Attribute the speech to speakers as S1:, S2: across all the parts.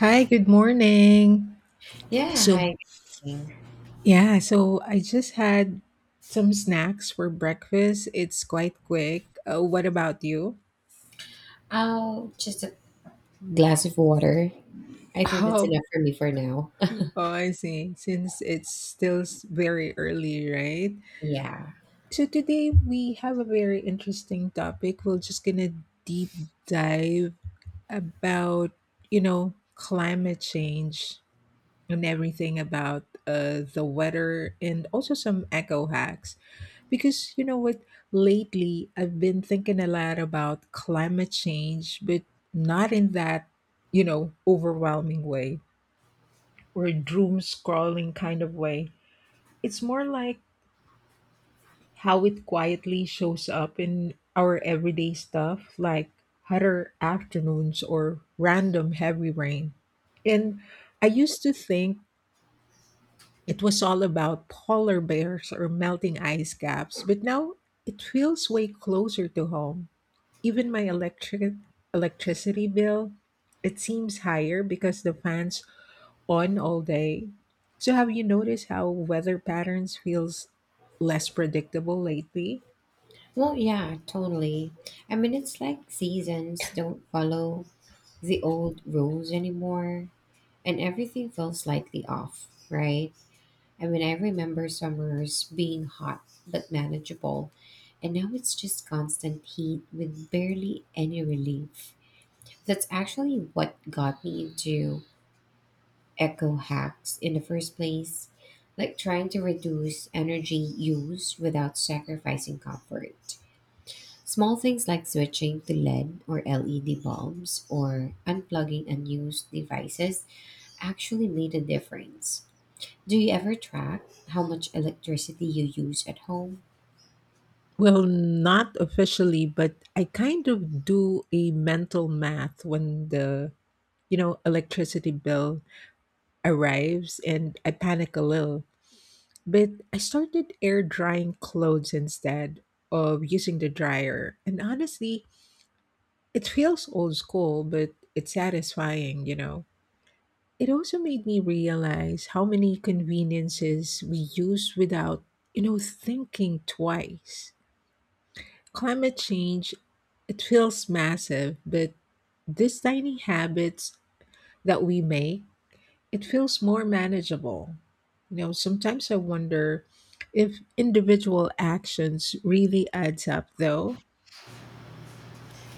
S1: Hi, good morning.
S2: Yeah,
S1: So,
S2: hi. Good morning.
S1: yeah, so I just had some snacks for breakfast. It's quite quick. What about you?
S2: Oh, just a glass of water. I think that's
S1: Oh,
S2: enough for me for now.
S1: oh, I see. Since it's still very early, right?
S2: Yeah.
S1: So today we have a very interesting topic. We're just gonna deep dive about, climate change. And everything about the weather and also some eco hacks. Because you know what, lately I've been thinking a lot about climate change, but not in that, overwhelming way or doom scrolling kind of way. It's more like how it quietly shows up in our everyday stuff, like hotter afternoons or random heavy rain. And I used to think it was all about polar bears or melting ice caps, but now it feels way closer to home. Even my electricity bill, it seems higher because the fans on all day. So have you noticed how weather patterns feels less predictable lately?
S2: Well, yeah, totally. I mean, it's like seasons don't follow the old rules anymore, and everything feels slightly off, right? I mean, I remember summers being hot but manageable, and now it's just constant heat with barely any relief. That's actually what got me into eco hacks in the first place, like trying to reduce energy use without sacrificing comfort. Small things like switching to LED or LED bulbs or unplugging unused devices actually made a difference. Do you ever track how much electricity you use at home?
S1: Well, not officially, but I kind of do a mental math when the electricity bill arrives and I panic a little. But I started air drying clothes instead of using the dryer. And honestly, it feels old school, but it's satisfying, It also made me realize how many conveniences we use without, thinking twice. Climate change, it feels massive, but these tiny habits that we make, it feels more manageable. You know, sometimes I wonder if individual actions really adds up though.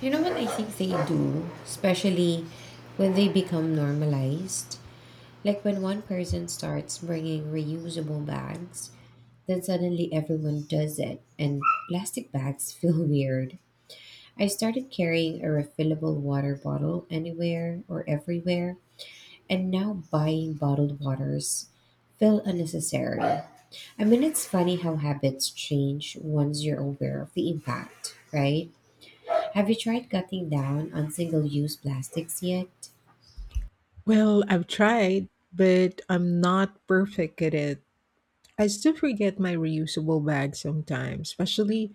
S2: You know what? I think they do, especially when they become normalized. Like when one person starts bringing reusable bags, then suddenly everyone does it, and plastic bags feel weird. I started carrying a refillable water bottle anywhere or everywhere, and now buying bottled waters feel unnecessary. I mean, it's funny how habits change once you're aware of the impact, right? Have you tried cutting down on single use plastics yet?
S1: Well, I've tried, but I'm not perfect at it. I still forget my reusable bag sometimes, especially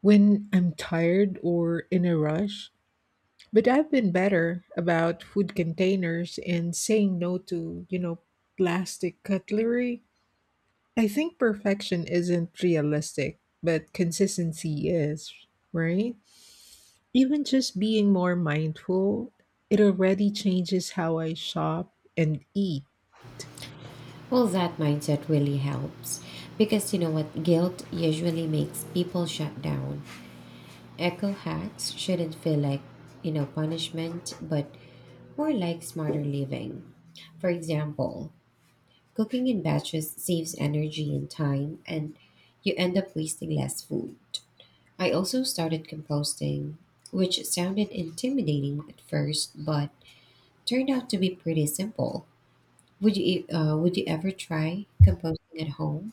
S1: when I'm tired or in a rush. But I've been better about food containers and saying no to, plastic cutlery. I think perfection isn't realistic, but consistency is, right? Even just being more mindful, it already changes how I shop and eat.
S2: Well, that mindset really helps because you know what? Guilt usually makes people shut down. Eco hacks shouldn't feel like, you know, punishment, but more like smarter living. For example, cooking in batches saves energy and time, and you end up wasting less food. I also started composting, which sounded intimidating at first, but turned out to be pretty simple. Would you, would you ever try composting at home?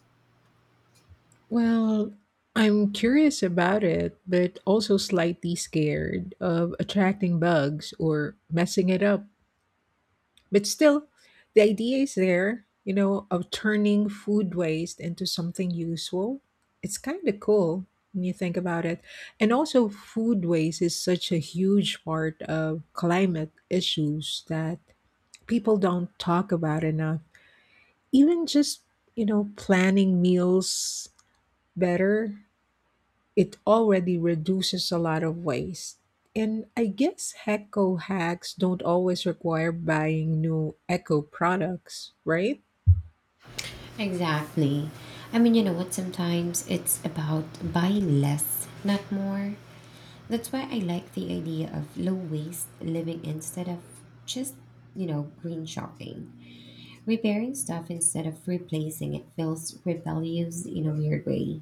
S1: Well, I'm curious about it, but also slightly scared of attracting bugs or messing it up. But still, the idea is there, you know, of turning food waste into something useful. It's kind of cool when you think about it. And also, food waste is such a huge part of climate issues that people don't talk about enough. Even just, planning meals better, it already reduces a lot of waste. And I guess eco hacks don't always require buying new eco products, right?
S2: Exactly. I mean, you know what? Sometimes it's about buy less, not more. That's why I like the idea of low waste living instead of just, you know, green shopping. Repairing stuff instead of replacing it feels rebellious in a weird way.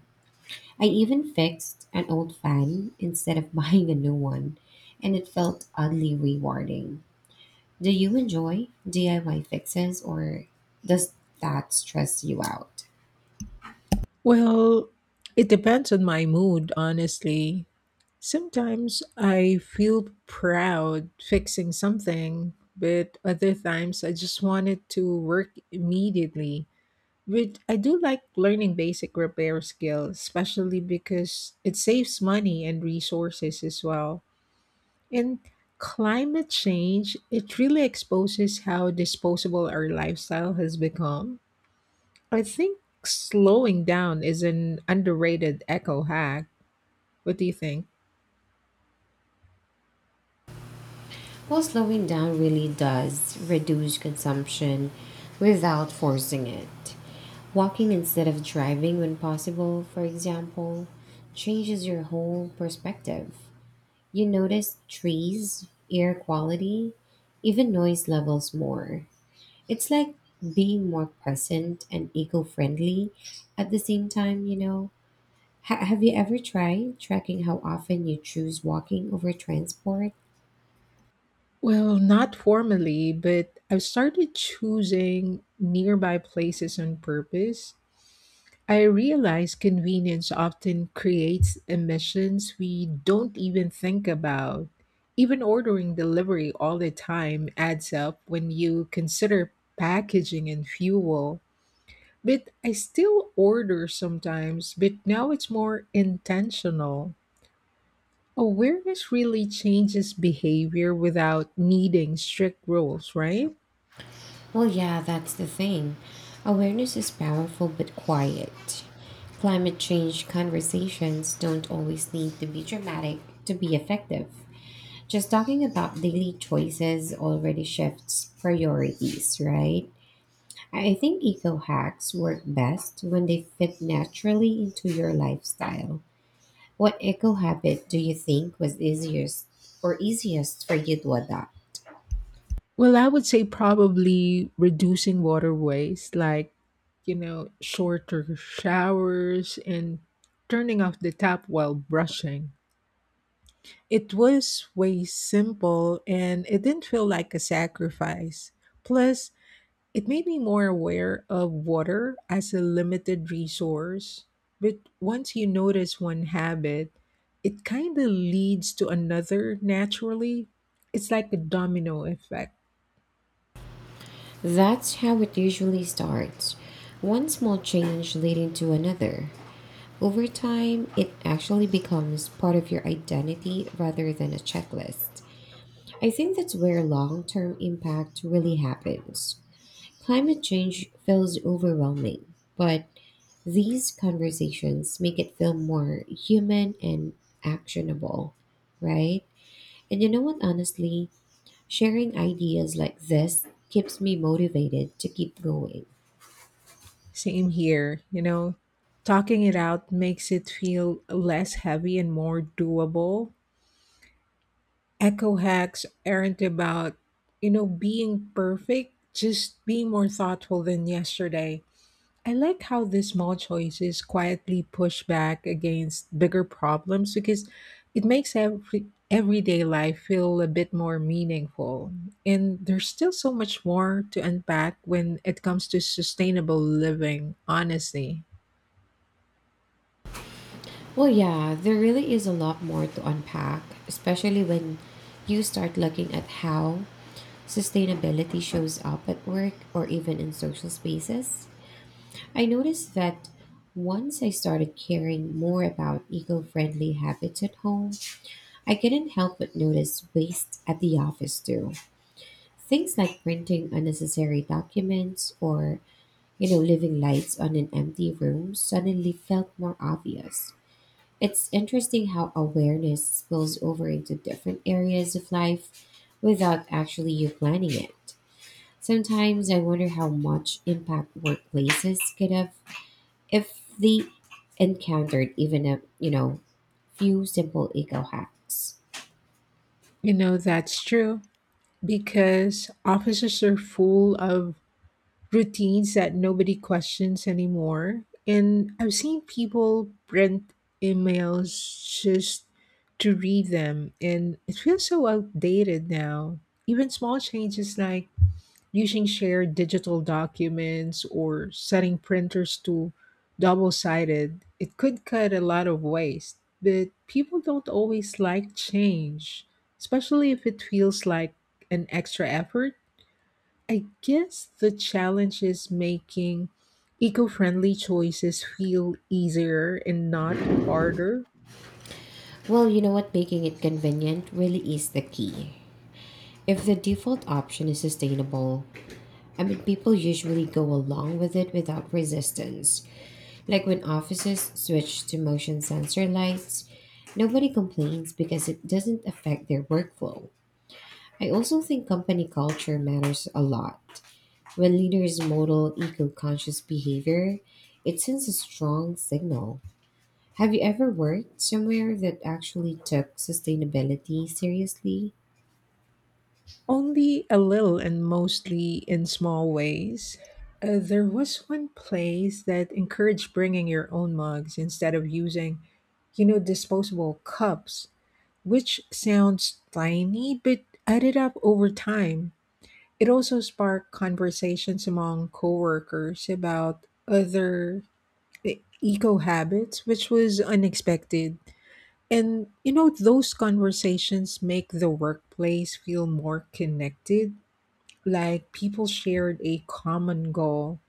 S2: I even fixed an old fan instead of buying a new one, and it felt oddly rewarding. Do you enjoy DIY fixes or does that stress you out?
S1: Well, it depends on my mood, honestly. Sometimes I feel proud fixing something, but other times I just want it to work immediately. But I do like learning basic repair skills, especially because it saves money and resources as well. And climate change, it really exposes how disposable our lifestyle has become. I think slowing down is an underrated eco hack. What do you think?
S2: Well, slowing down really does reduce consumption without forcing it. Walking instead of driving when possible, for example, changes your whole perspective. You notice trees, air quality, even noise levels more. It's like being more present and eco friendly at the same time, you know. Have you ever tried tracking how often you choose walking over transport?
S1: Well, not formally, but I've started choosing nearby places on purpose. I realize convenience often creates emissions we don't even think about. Even ordering delivery all the time adds up when you consider packaging and fuel. But I still order sometimes, but now it's more intentional. Awareness really changes behavior without needing strict rules, right?
S2: Well, yeah, that's the thing. Awareness is powerful but quiet. Climate change conversations don't always need to be dramatic to be effective. Just talking about daily choices already shifts priorities, right? I think eco hacks work best when they fit naturally into your lifestyle. What eco habit do you think was easiest or easiest for you to adopt?
S1: Well, I would say probably reducing water waste, like, shorter showers and turning off the tap while brushing. It was way simple and it didn't feel like a sacrifice. Plus, it made me more aware of water as a limited resource. But once you notice one habit, it kind of leads to another naturally. It's like a domino effect.
S2: That's how it usually starts, one small change leading to another. Over time, it actually becomes part of your identity rather than a checklist. I think that's where long term impact really happens. Climate change feels overwhelming, but these conversations make it feel more human and actionable, right? And you know what, honestly, sharing ideas like this keeps me motivated to keep going.
S1: Same here, Talking it out makes it feel less heavy and more doable. Echo hacks aren't about, being perfect, just be more thoughtful than yesterday. I like how these small choices quietly push back against bigger problems because it makes everyday life feel a bit more meaningful. And there's still so much more to unpack when it comes to sustainable living, honestly.
S2: Well, yeah, there really is a lot more to unpack, especially when you start looking at how sustainability shows up at work or even in social spaces. I noticed that once I started caring more about eco friendly habits at home, I couldn't help but notice waste at the office too. Things like printing unnecessary documents or, you know, leaving lights on in empty rooms suddenly felt more obvious. It's interesting how awareness spills over into different areas of life without actually you planning it. Sometimes I wonder how much impact workplaces could have if they encountered even a, you know, few simple eco hacks.
S1: You know, that's true because offices are full of routines that nobody questions anymore. And I've seen people print emails just to read them, and it feels so outdated now. Even small changes like using shared digital documents or setting printers to double sided, it could cut a lot of waste. But people don't always like change, especially if it feels like an extra effort. I guess the challenge is making eco friendly choices feel easier and not harder.
S2: Well, you know what? Making it convenient really is the key. If the default option is sustainable, I mean, people usually go along with it without resistance. Like when offices switch to motion sensor lights, nobody complains because it doesn't affect their workflow. I also think company culture matters a lot. When leaders model eco conscious behavior, it sends a strong signal. Have you ever worked somewhere that actually took sustainability seriously?
S1: Only a little and mostly in small ways. There was one place that encouraged bringing your own mugs instead of using, disposable cups, which sounds tiny but added up over time. It also sparked conversations among coworkers about other eco habits, which was unexpected. And you know, those conversations make the workplace feel more connected, like people shared a common goal.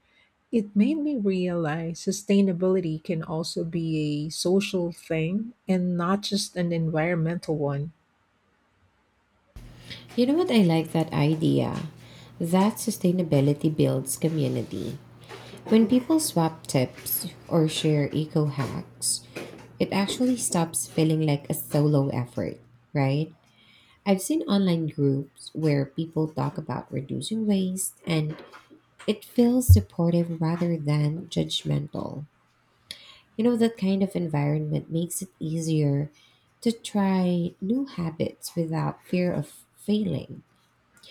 S1: It made me realize sustainability can also be a social thing and not just an environmental one.
S2: You know what? I like that idea that sustainability builds community. When people swap tips or share eco hacks, it actually stops feeling like a solo effort, right? I've seen online groups where people talk about reducing waste, and it feels supportive rather than judgmental. You know, that kind of environment makes it easier to try new habits without fear of failing.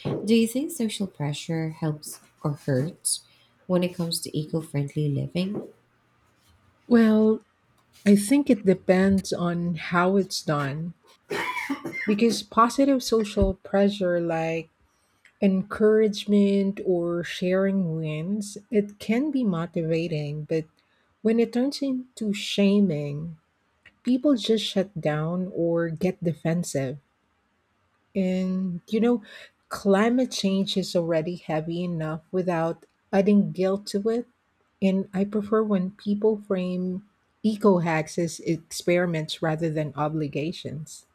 S2: Do you think social pressure helps or hurts when it comes to eco friendly living?
S1: Well, I think it depends on how it's done because positive social pressure like encouragement or sharing wins, it can be motivating, but when it turns into shaming, people just shut down or get defensive. And, you know, climate change is already heavy enough without adding guilt to it. And I prefer when people frame eco hacks as experiments rather than obligations.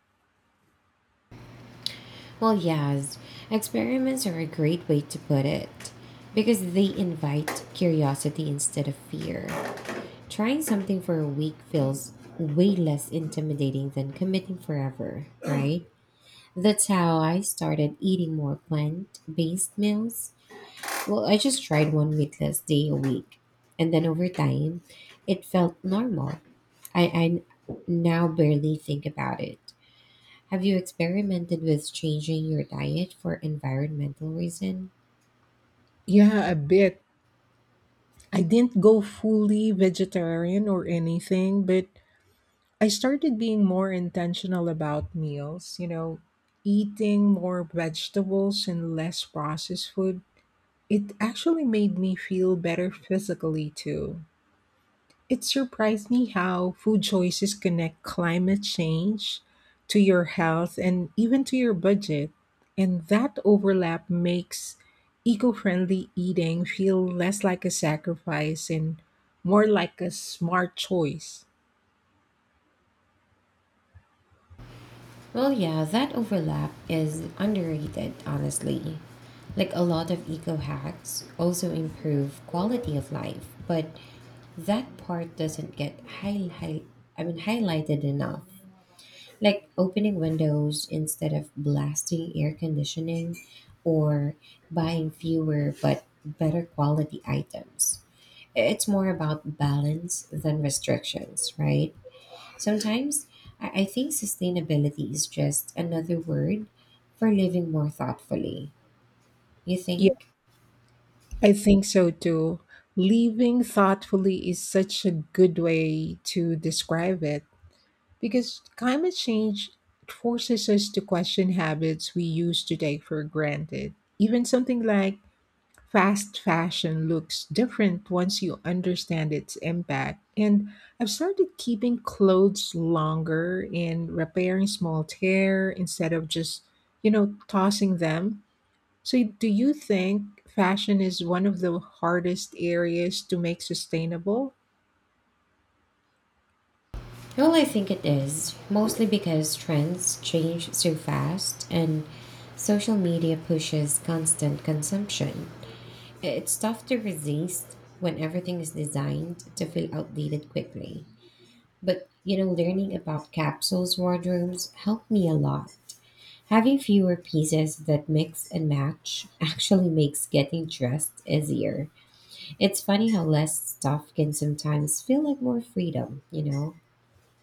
S2: Well, yes, experiments are a great way to put it because they invite curiosity instead of fear. Trying something for a week feels way less intimidating than committing forever, right? That's how I started eating more plant based meals. Well, I just tried one meatless day a week, and then over time, it felt normal. I, I n- now barely think about it. Have you experimented with changing your diet for environmental reason?
S1: Yeah, a bit. I didn't go fully vegetarian or anything, but I started being more intentional about meals, you know, eating more vegetables and less processed food. It actually made me feel better physically too. It surprised me how food choices connect climate change to your health and even to your budget. And that overlap makes eco friendly eating feel less like a sacrifice and more like a smart choice.
S2: Well, yeah, that overlap is underrated, honestly. Like a lot of eco hacks also improve quality of life, but that part doesn't get highlighted enough. Like opening windows instead of blasting air conditioning or buying fewer but better quality items. It's more about balance than restrictions, right? Sometimes I think sustainability is just another word for living more thoughtfully. You think?
S1: I think so too. Living thoughtfully is such a good way to describe it because climate change forces us to question habits we used to take for granted. Even something like fast fashion looks different once you understand its impact. And I've started keeping clothes longer and repairing small tear instead of just, tossing them. So, do you think fashion is one of the hardest areas to make sustainable?
S2: Well, I think it is, mostly because trends change so fast and social media pushes constant consumption. It's tough to resist when everything is designed to feel outdated quickly. But, you know, learning about capsules wardrobes helped me a lot. Having fewer pieces that mix and match actually makes getting dressed easier. It's funny how less stuff can sometimes feel like more freedom, you know?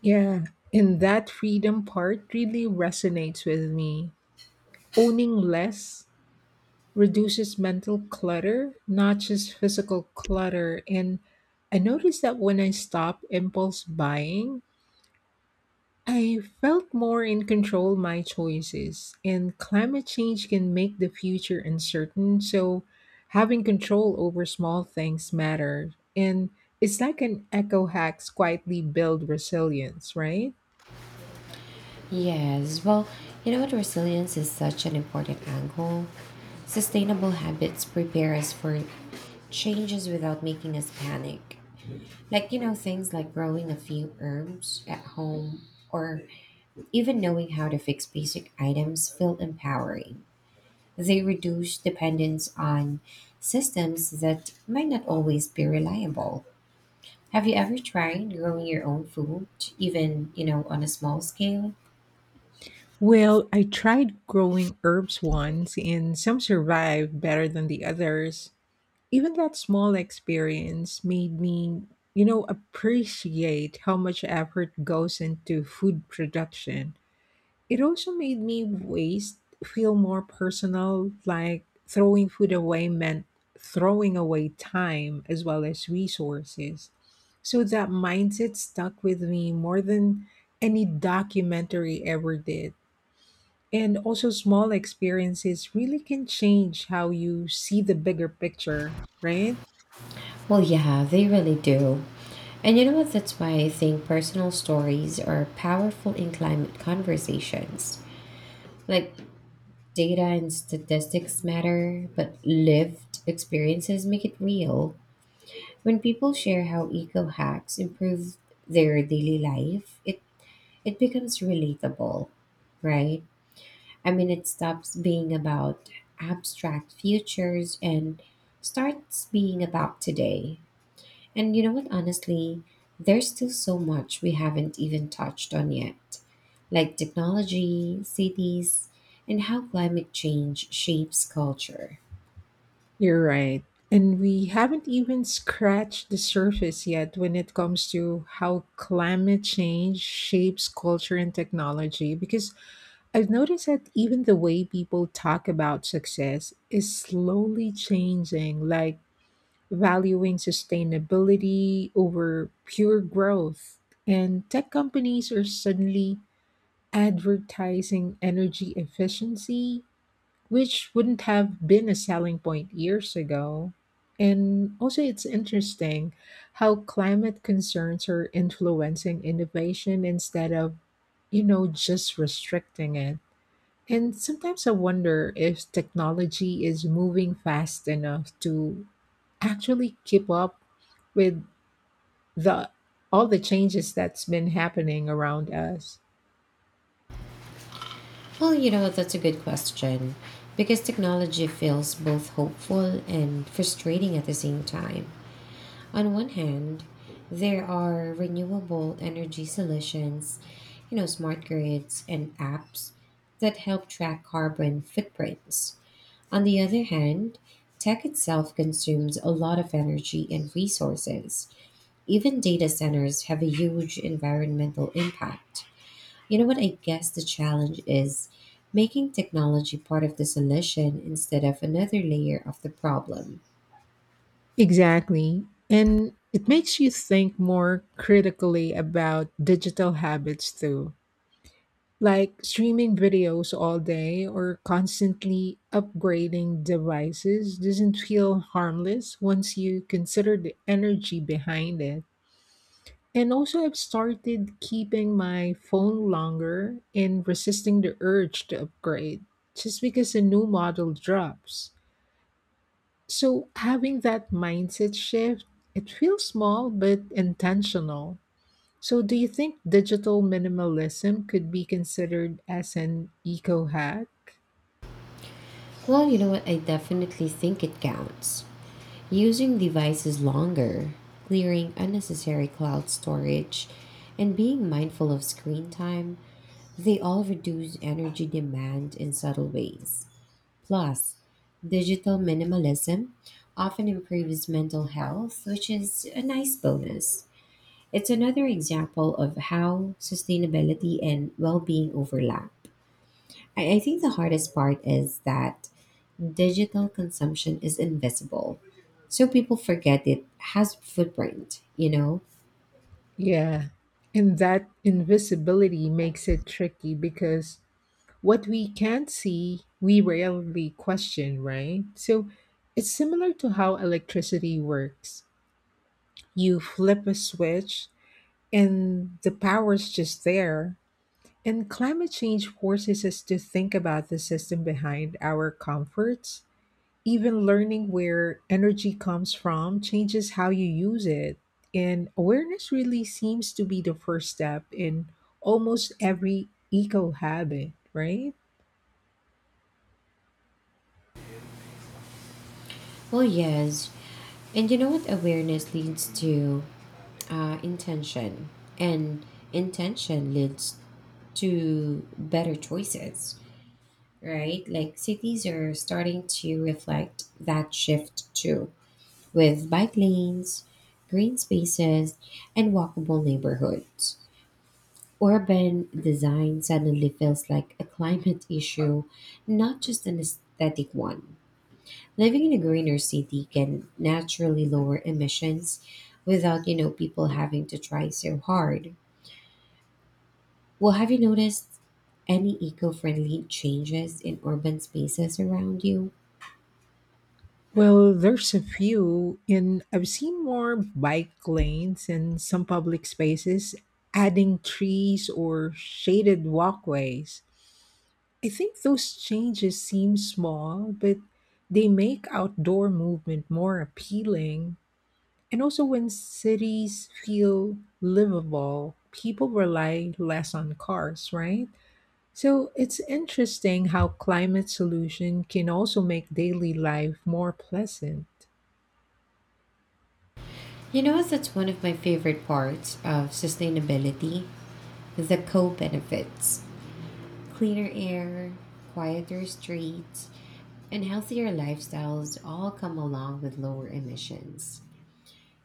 S1: Yeah, and that freedom part really resonates with me. Owning less reduces mental clutter, not just physical clutter. And I noticed that when I stop impulse buying, I felt more in control my choices, and climate change can make the future uncertain, so having control over small things matter. And it's like an eco hacks quietly build resilience, right?
S2: Yes, well, you know what? Resilience is such an important angle. Sustainable habits prepare us for changes without making us panic. Like, you know, things like growing a few herbs at home or even knowing how to fix basic items feel empowering. They reduce dependence on systems that might not always be reliable. Have you ever tried growing your own food, even, you know, on a small scale?
S1: Well, I tried growing herbs once, and some survived better than the others. Even that small experience made me, appreciate how much effort goes into food production. It also made me waste feel more personal, like throwing food away meant throwing away time as well as resources. So that mindset stuck with me more than any documentary ever did. And also, small experiences really can change how you see the bigger picture, right?
S2: Well, yeah, they really do. And you know what? That's why I think personal stories are powerful in climate conversations. Like, data and statistics matter, but lived experiences make it real. When people share how eco hacks improve their daily life, it becomes relatable, right? I mean, it stops being about abstract futures and starts being about today. And you know what, honestly, there's still so much we haven't even touched on yet, like technology, cities, and how climate change shapes culture.
S1: You're right. And we haven't even scratched the surface yet when it comes to how climate change shapes culture and technology. Because I've noticed that even the way people talk about success is slowly changing, like valuing sustainability over pure growth. And tech companies are suddenly advertising energy efficiency, which wouldn't have been a selling point years ago. And also, it's interesting how climate concerns are influencing innovation instead of, just restricting it. And sometimes I wonder if technology is moving fast enough to actually keep up with the all the changes that's been happening around us.
S2: Well, you know, that's a good question because technology feels both hopeful and frustrating at the same time. On one hand, there are renewable energy solutions, you know, smart grids and apps that help track carbon footprints. On the other hand, tech itself consumes a lot of energy and resources. Even data centers have a huge environmental impact. You know what? I guess the challenge is making technology part of the solution instead of another layer of the problem.
S1: Exactly. And it makes you think more critically about digital habits too, like streaming videos all day or constantly upgrading devices doesn't feel harmless once you consider the energy behind it. And also, I've started keeping my phone longer and resisting the urge to upgrade just because a new model drops. So, having that mindset shift, it feels small but intentional. So, do you think digital minimalism could be considered as an eco hack?
S2: Well, you know what? I definitely think it counts. Using devices longer, clearing unnecessary cloud storage, and being mindful of screen time. They all reduce energy demand in subtle ways. Plus, digital minimalism often improves mental health, which is a nice bonus. It's another example of how sustainability and well being overlap. I think the hardest part is that digital consumption is invisible. So people forget it has footprint, you know?
S1: Yeah. And that invisibility makes it tricky because what we can't see, we rarely question, right? So, it's similar to how electricity works. You flip a switch and the power's just there. And climate change forces us to think about the system behind our comforts. Even learning where energy comes from changes how you use it. And awareness really seems to be the first step in almost every eco habit, right?
S2: Well, yes. And you know what awareness leads to? Intention. And intention leads to better choices, right? Like cities are starting to reflect that shift too, with bike lanes, green spaces, and walkable neighborhoods. Urban design suddenly feels like a climate issue, not just an aesthetic one. Living in a greener city can naturally lower emissions without, you know, people having to try so hard. Well, have you noticed any eco-friendly changes in urban spaces around you?
S1: Well, there's a few, and I've seen more bike lanes and some public spaces adding trees or shaded walkways. I think those changes seem small, but they make outdoor movement more appealing. And also, when cities feel livable, people rely less on cars, right? So it's interesting how climate solution can also make daily life more pleasant.
S2: You know, that's one of my favorite parts of sustainability, the co-benefits. Cleaner air, quieter streets, and healthier lifestyles all come along with lower emissions.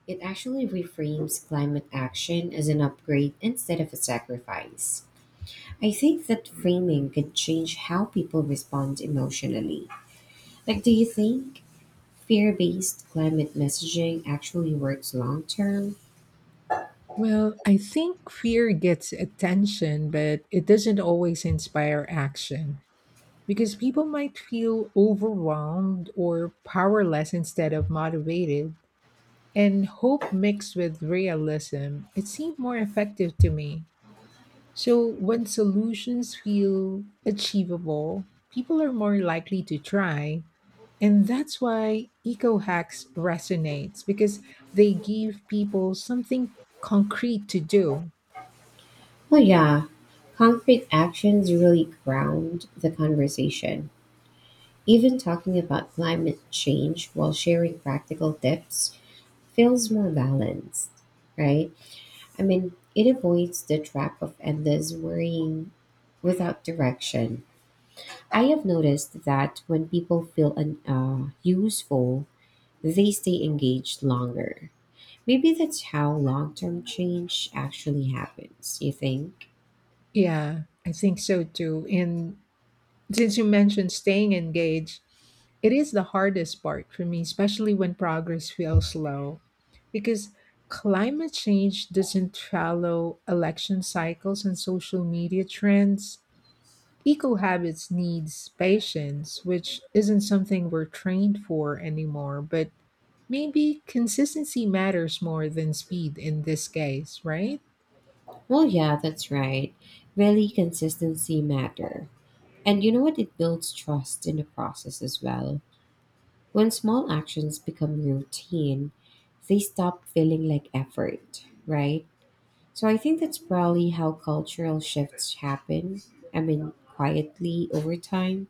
S2: It actually reframes climate action as an upgrade instead of a sacrifice. I think that framing could change how people respond emotionally. Like, do you think fear based climate messaging actually works long term?
S1: Well, I think fear gets attention, but it doesn't always inspire action, because people might feel overwhelmed or powerless instead of motivated. And hope mixed with realism, it seemed more effective to me. So when solutions feel achievable, people are more likely to try. And that's why eco hacks resonates because they give people something concrete to do.
S2: Well, yeah, concrete actions really ground the conversation. Even talking about climate change while sharing practical tips feels more balanced, right? I mean, it avoids the trap of endless worrying without direction. I have noticed that when people feel useful, they stay engaged longer. Maybe that's how long term change actually happens, you think?
S1: Yeah, I think so too. And since you mentioned staying engaged, it is the hardest part for me, especially when progress feels slow, because climate change doesn't follow election cycles and social media trends. Eco habits needs patience, which isn't something we're trained for anymore, but maybe consistency matters more than speed in this case, right?
S2: Well, yeah, that's right. Really, consistency matter. And you know what? It builds trust in the process as well. When small actions become routine, they stop feeling like effort, right? So I think that's probably how cultural shifts happen. I mean, quietly over time.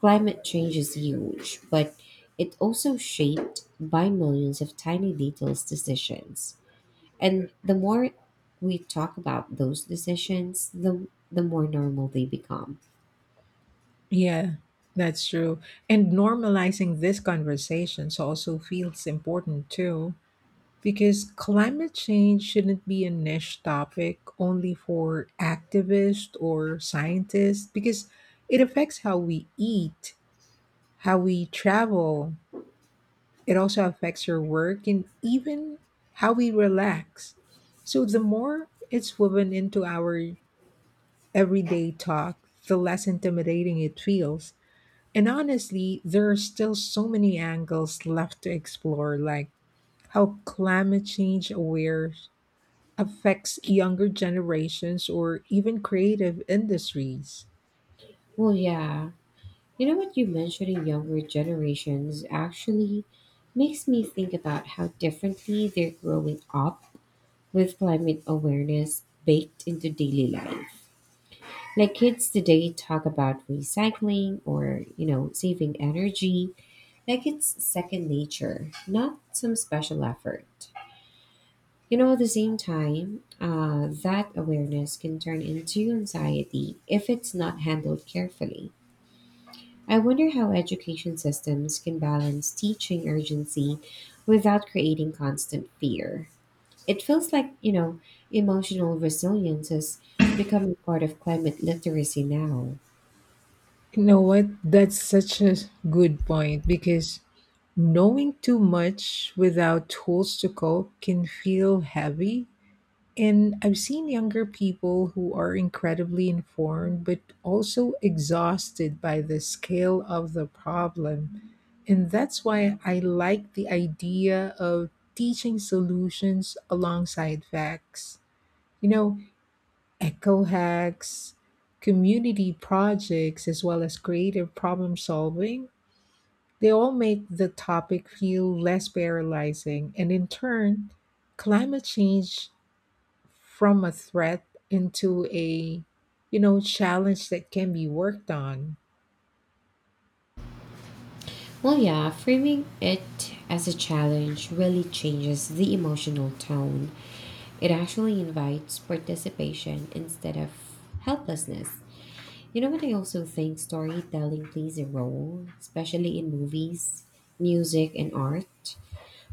S2: Climate change is huge, but it also shaped by millions of tiny details decisions. And the more we talk about those decisions, the more normal they become.
S1: Yeah, that's true. And normalizing these conversations also feels important too, because climate change shouldn't be a niche topic only for activists or scientists, because it affects how we eat, how we travel, it also affects your work, and even how we relax. So the more it's woven into our everyday talk, the less intimidating it feels. And honestly, there are still so many angles left to explore, like how climate change aware affects younger generations or even creative industries.
S2: Well, yeah. You know what, you mentioned in younger generations actually makes me think about how differently they're growing up with climate awareness baked into daily life. Like kids today talk about recycling or, you know, saving energy like it's second nature, not some special effort. You know, at the same time, that awareness can turn into anxiety if it's not handled carefully. I wonder how education systems can balance teaching urgency without creating constant fear. It feels like, you know, emotional resilience is becoming part of climate literacy now.
S1: You know what? That's such a good point because knowing too much without tools to cope can feel heavy. And I've seen younger people who are incredibly informed but also exhausted by the scale of the problem. And that's why I like the idea of teaching solutions alongside facts. You know, eco hacks, community projects, as well as creative problem solving, they all make the topic feel less paralyzing. And in turn, climate change from a threat into a challenge that can be worked on.
S2: Well, yeah, framing it as a challenge really changes the emotional tone. It actually invites participation instead of helplessness. You know what? I also think storytelling plays a role, especially in movies, music, and art.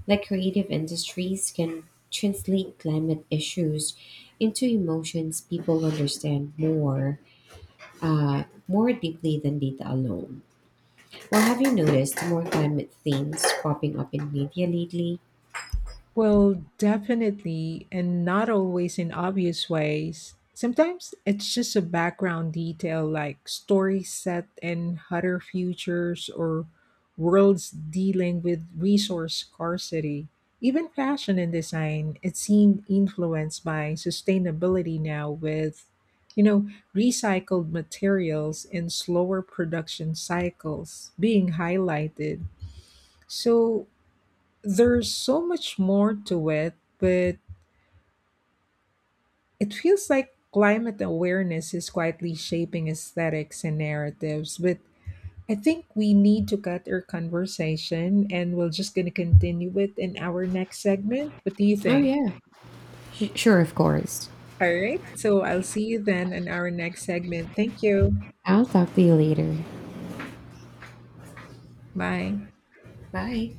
S2: Like creative industries can translate climate issues into emotions people understand more deeply than data alone. Well, have you noticed more climate themes popping up in media lately?
S1: Well, definitely, and not always in obvious ways. Sometimes it's just a background detail like story set in hotter futures or worlds dealing with resource scarcity. Even fashion and design, it seemed influenced by sustainability now with, you know, recycled materials and slower production cycles being highlighted. So, there's so much more to it, but it feels like climate awareness is quietly shaping aesthetics and narratives. But I think we need to cut our conversation and we're just going to continue it in our next segment. What do you
S2: Oh
S1: think?
S2: yeah, sure, of course.
S1: All right. So I'll see you then in our next segment. Thank you.
S2: I'll talk to you later.
S1: Bye.
S2: Bye.